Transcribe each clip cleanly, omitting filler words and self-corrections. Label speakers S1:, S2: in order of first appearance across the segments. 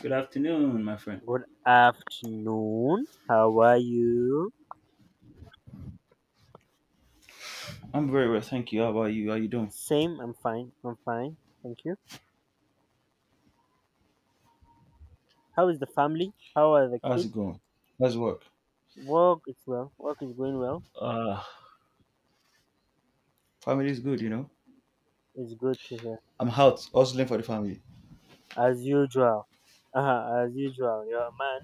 S1: Good afternoon, my friend.
S2: Good afternoon. How are you?
S1: I'm very well, thank you. How about you? How you doing?
S2: Same, I'm fine. Thank you. How is the family? How are the
S1: How's
S2: kids?
S1: it going? How's work?
S2: Work is well. Work is going well.
S1: Uh Family is good, you know.
S2: It's good to hear.
S1: I'm out hustling for the family,
S2: As usual. As usual. You're a man.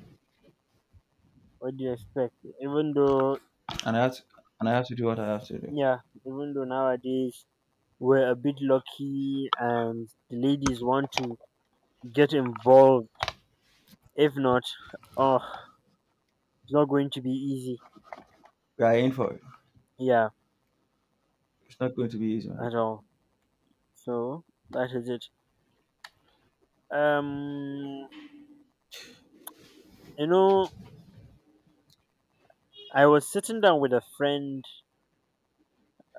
S2: What do you expect? Even though,
S1: and I have to, and I have to do what I have to do.
S2: yeah, even though nowadays we're a bit lucky and the ladies want to get involved. If not, oh, it's not going to be easy.
S1: We are in for it.
S2: Yeah,
S1: It's not going to be easy, my
S2: at
S1: brother.
S2: all. So, that is it. Um, you know, I was sitting down with a friend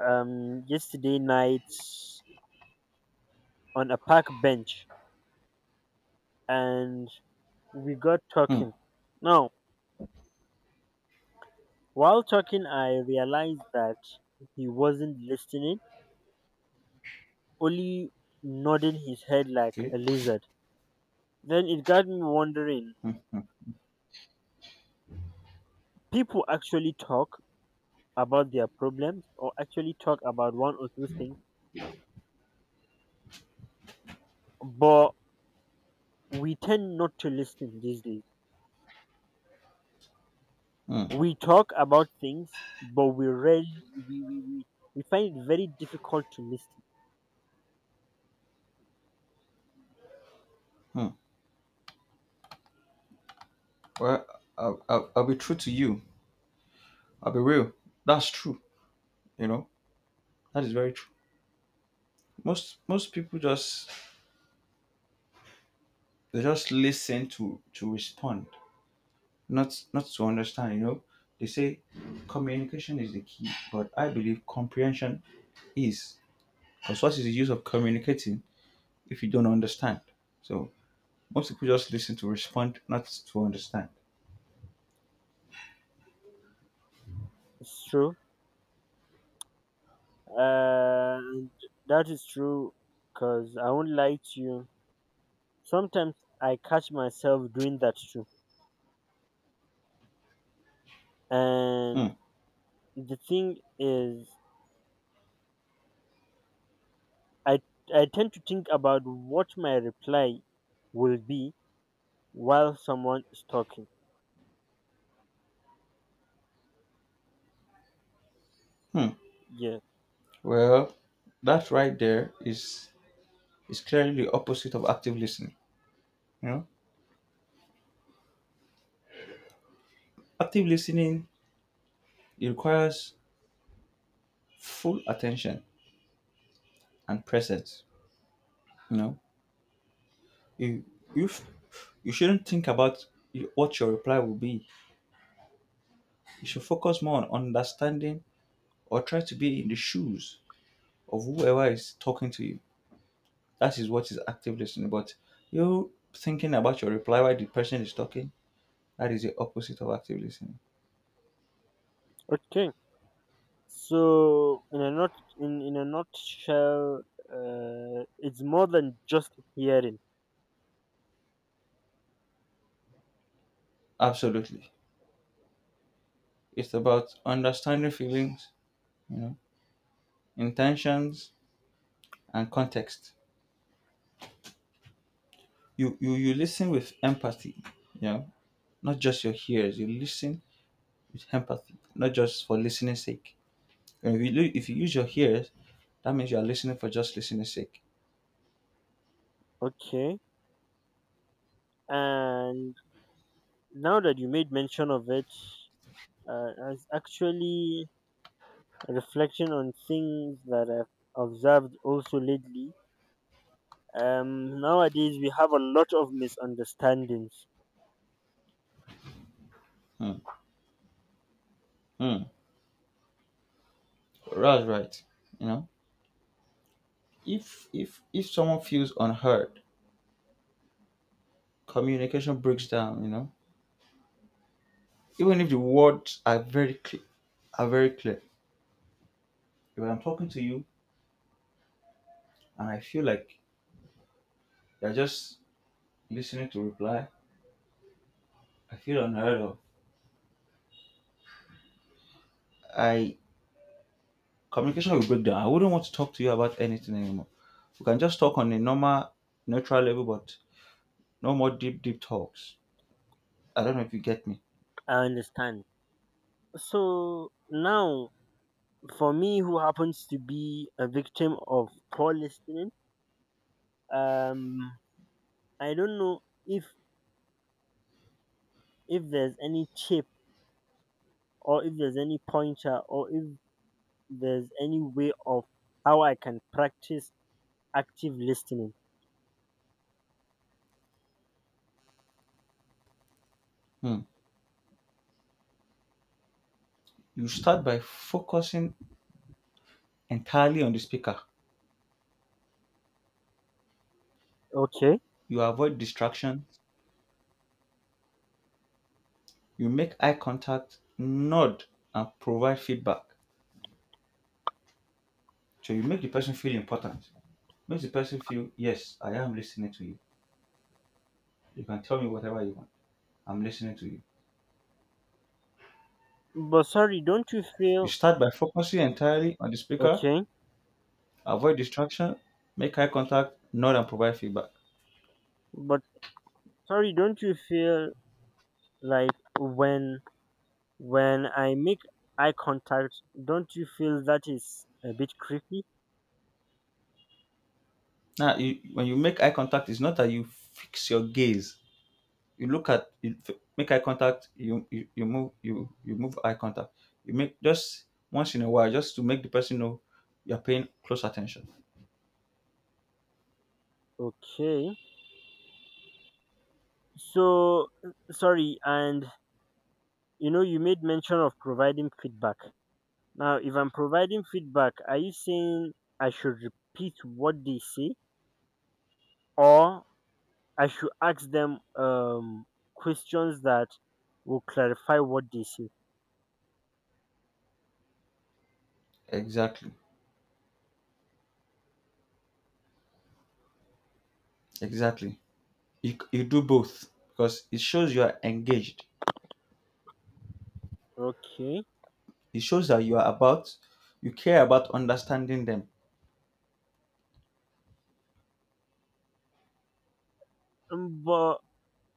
S2: yesterday night on a park bench and we got
S1: Hmm.
S2: talking. Now, while talking, I realized that he wasn't listening, only nodding his head like
S1: Okay.
S2: a lizard. Then it got me wondering,
S1: Hmm.
S2: people actually talk about their problems or actually talk about one or two things, but we tend not to listen these days.
S1: Hmm.
S2: We talk about things but we rarely we, we, we, we find it very difficult to listen.
S1: hmm. Well, I'll be true to you. I'll be real. That's true. You know, that is very true. Most people just they just listen to respond. Not to understand, you know, they say communication is the key, but I believe comprehension is, because what is the use of communicating if you don't understand? So most people just listen to respond, not to understand.
S2: It's true. And that is true because I won't lie to you, sometimes I catch myself doing that too. And
S1: Hmm.
S2: the thing is, i I tend to think about what my reply will be while someone is talking.
S1: Hmm.
S2: Yeah.
S1: Well, that right there is clearly the opposite of active listening. You know, active listening, it requires full attention and presence. You know, you you, you shouldn't think about what your reply will be. You should focus more on understanding or try to be in the shoes of whoever is talking to you. That is what is active listening. But you thinking about your reply while the person is talking, that is the opposite of active listening.
S2: Okay. So in a not In a nutshell, it's more than just hearing.
S1: Absolutely. It's about understanding feelings, you know, intentions and context. You listen with empathy, you know, not just your ears. You listen with empathy, not just for listening's sake. And if you, if you use your ears, that means you are listening for just listening's sake.
S2: Okay, and now that you made mention of it, I was actually reflecting on things that I've observed also lately. Nowadays we have a lot of misunderstandings.
S1: Hmm. Mm. That's right. You know, if someone feels unheard, communication breaks down. You know, even if the words are very clear, are very clear. If I'm talking to you and I feel like you're just listening to reply, I feel unheard of. I Communication will break down. I wouldn't want to talk to you about anything anymore. We can just talk on a normal, neutral level, but no more deep, deep talks. I don't know if you get me.
S2: I understand. So now, for me, who happens to be a victim of poor listening, um, I don't know if if there's any chip, or if there's any pointer, or if there's any way of how I can practice active listening.
S1: Hmm. You start by focusing entirely on the speaker.
S2: Okay.
S1: You avoid distractions, you make eye contact, nod, and provide feedback. So you make the person feel important. Makes the person feel, yes, I am listening to you. You can tell me whatever you want. I'm listening to you.
S2: But sorry, don't you
S1: You
S2: feel
S1: start by focusing entirely on the speaker,
S2: okay?
S1: avoid distraction, make eye contact, nod, and provide feedback.
S2: But sorry, don't you feel like when when I make eye contact, don't you feel that is a bit creepy?
S1: Now, when you make eye contact, it's not that you fix your gaze. You look at you make eye contact, you move, you move eye contact. You make just once in a while, just to make the person know you're paying close attention.
S2: Okay. So sorry, and you know you made mention of providing feedback. Now, if I'm providing feedback, are you saying I should repeat what they say, or I should ask them questions that will clarify what they say?
S1: Exactly. Exactly. You do both because it shows you are engaged.
S2: Okay.
S1: It shows that you care about understanding them.
S2: Um, But,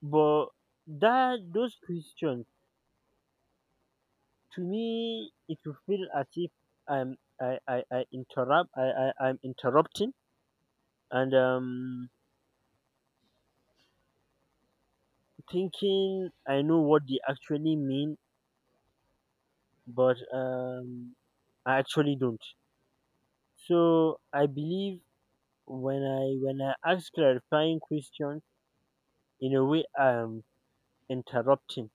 S2: but that those questions, to me, it will feel as if I'm, I, I, I interrupt, I, I'm interrupting, and thinking I know what they actually mean, but I actually don't. So I believe when I ask clarifying questions, in a way I'm interrupting.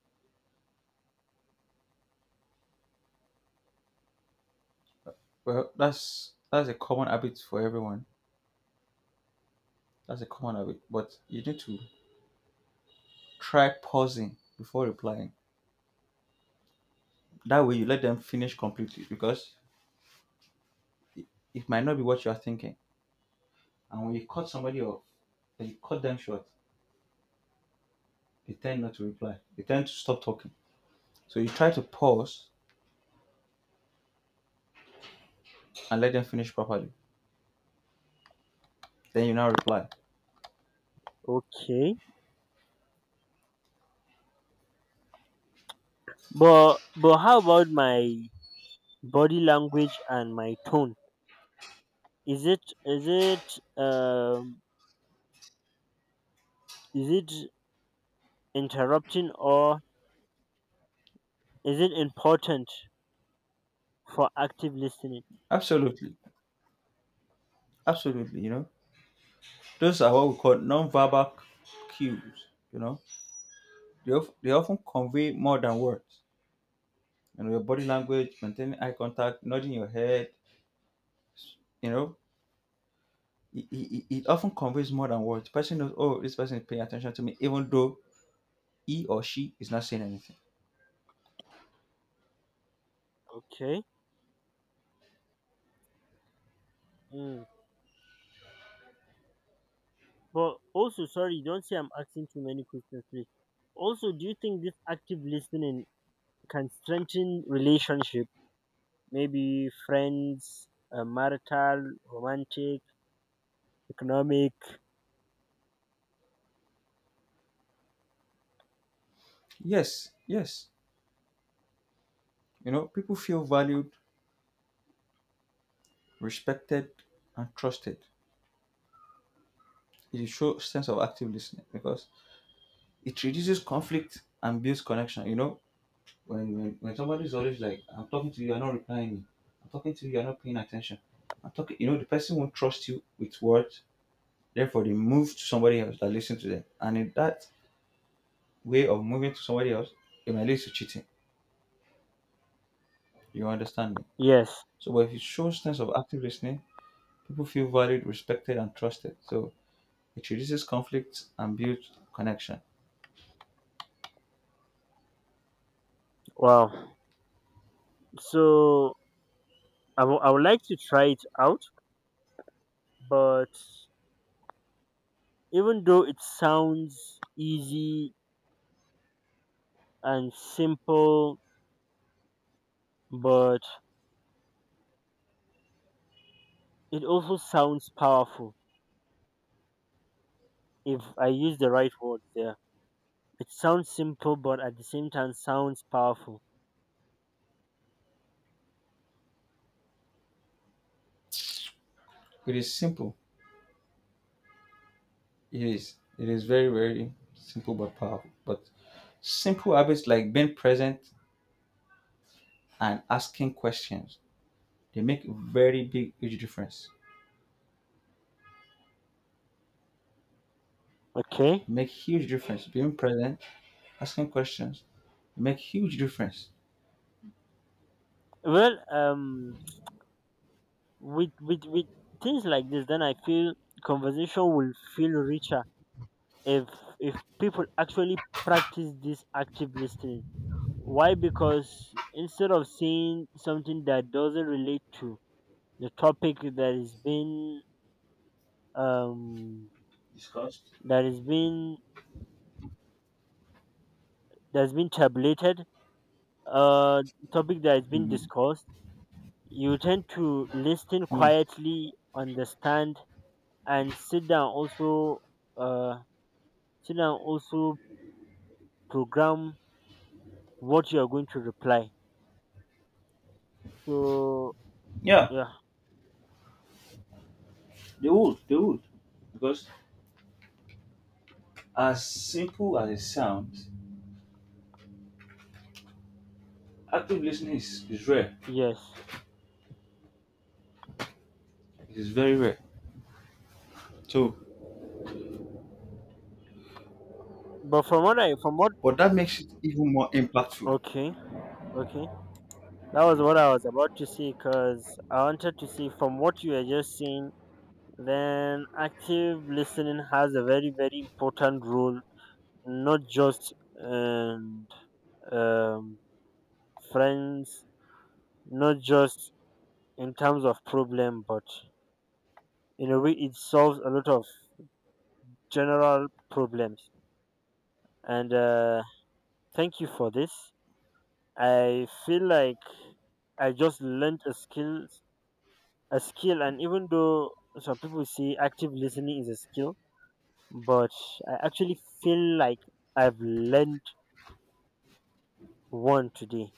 S1: Well, that's a common habit for everyone. That's a common habit, but you need to try pausing before replying. That way you let them finish completely, because it might not be what you are thinking. And when you cut somebody off, and you cut them short, they tend not to reply. They tend to stop talking. So you try to pause and let them finish properly. Then you now reply.
S2: Okay. But how about my body language and my tone? Is it is it um is it interrupting, or is it important for active listening?
S1: Absolutely. Absolutely. You know, those are what we call non-verbal cues. You know, they often convey more than words. You know, your body language, maintaining eye contact, nodding your head, you know, it often conveys more than words. Person knows, oh, this person is paying attention to me, even though he or she is not saying anything.
S2: Okay. Mm. But also sorry, don't say I'm asking too many questions, please. Also, do you think this active listening can strengthen relationship? Maybe friends, marital, romantic, economic.
S1: Yes, yes. You know, people feel valued, respected, and trusted. It shows sense of active listening because it reduces conflict and builds connection. You know, when somebody is always like, "I'm talking to you, you're not replying me. I'm talking to you, you're not paying attention. I'm talking," you know, the person won't trust you with words. Therefore, they move to somebody else that listens to them, and in that way of moving to somebody else, it might lead to cheating. You understand me?
S2: Yes.
S1: So, but if it shows sense of active listening, people feel valued, respected, and trusted. So it reduces conflict and builds connection.
S2: Wow. So I would like to try it out, but even though it sounds easy and simple, but it also sounds powerful if I use the right words there. It sounds simple, but at the same time sounds powerful.
S1: It is simple. It is. It is very, very simple but powerful. But simple habits like being present and asking questions, they make very big, huge difference.
S2: Okay.
S1: They make huge difference. Being present, asking questions, they make huge difference.
S2: Well, with things like this, then I feel conversation will feel richer if if people actually practice this active listening. Why? Because instead of saying something that doesn't relate to the topic that is being um
S1: Discussed.
S2: that is being that's been tabulated, uh topic that has been discussed, you tend to listen
S1: Hmm.
S2: quietly, understand, and sit down also, uh sit down also, program what you are going to reply. So
S1: Yeah,
S2: yeah,
S1: they would, they would. Because as simple as it sounds, active listening is rare.
S2: yes.
S1: It is very rare. So
S2: But from what I from what
S1: but that makes it even more impactful.
S2: okay, okay. That was what I was about to say, because I wanted to say from what you are just saying, then active listening has a very, very important role, not just and um, friends, not just in terms of problem, but in a way it solves a lot of general problems. And thank you for this. I feel like I just learned a skill, and even though some people say active listening is a skill, but I actually feel like I've learned one today.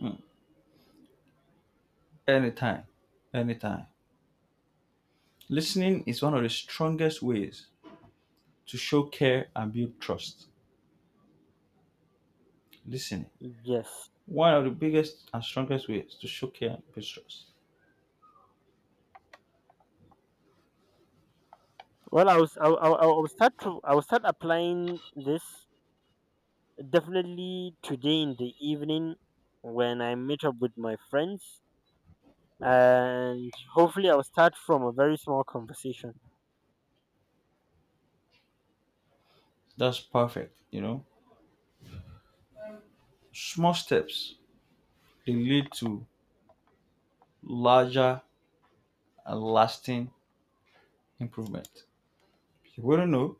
S1: Mm. Anytime, anytime. Listening is one of the strongest ways to show care and build trust. Listening.
S2: Yes.
S1: One of the biggest and strongest ways to show care and build trust.
S2: I will I will start applying this definitely today in the evening when I meet up with my friends, and hopefully I will start from a very small conversation.
S1: That's perfect, you know. Small steps, they lead to larger and lasting improvement. You wouldn't know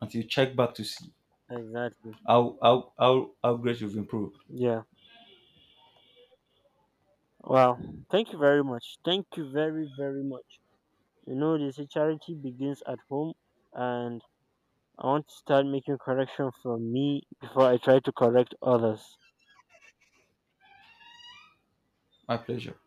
S1: until you check back to see
S2: Exactly.
S1: how great you've improved.
S2: Yeah. Wow. Thank you very much. Thank you very, very much. You know, they say charity begins at home, and I want to start making correction from me before I try to correct others.
S1: My pleasure.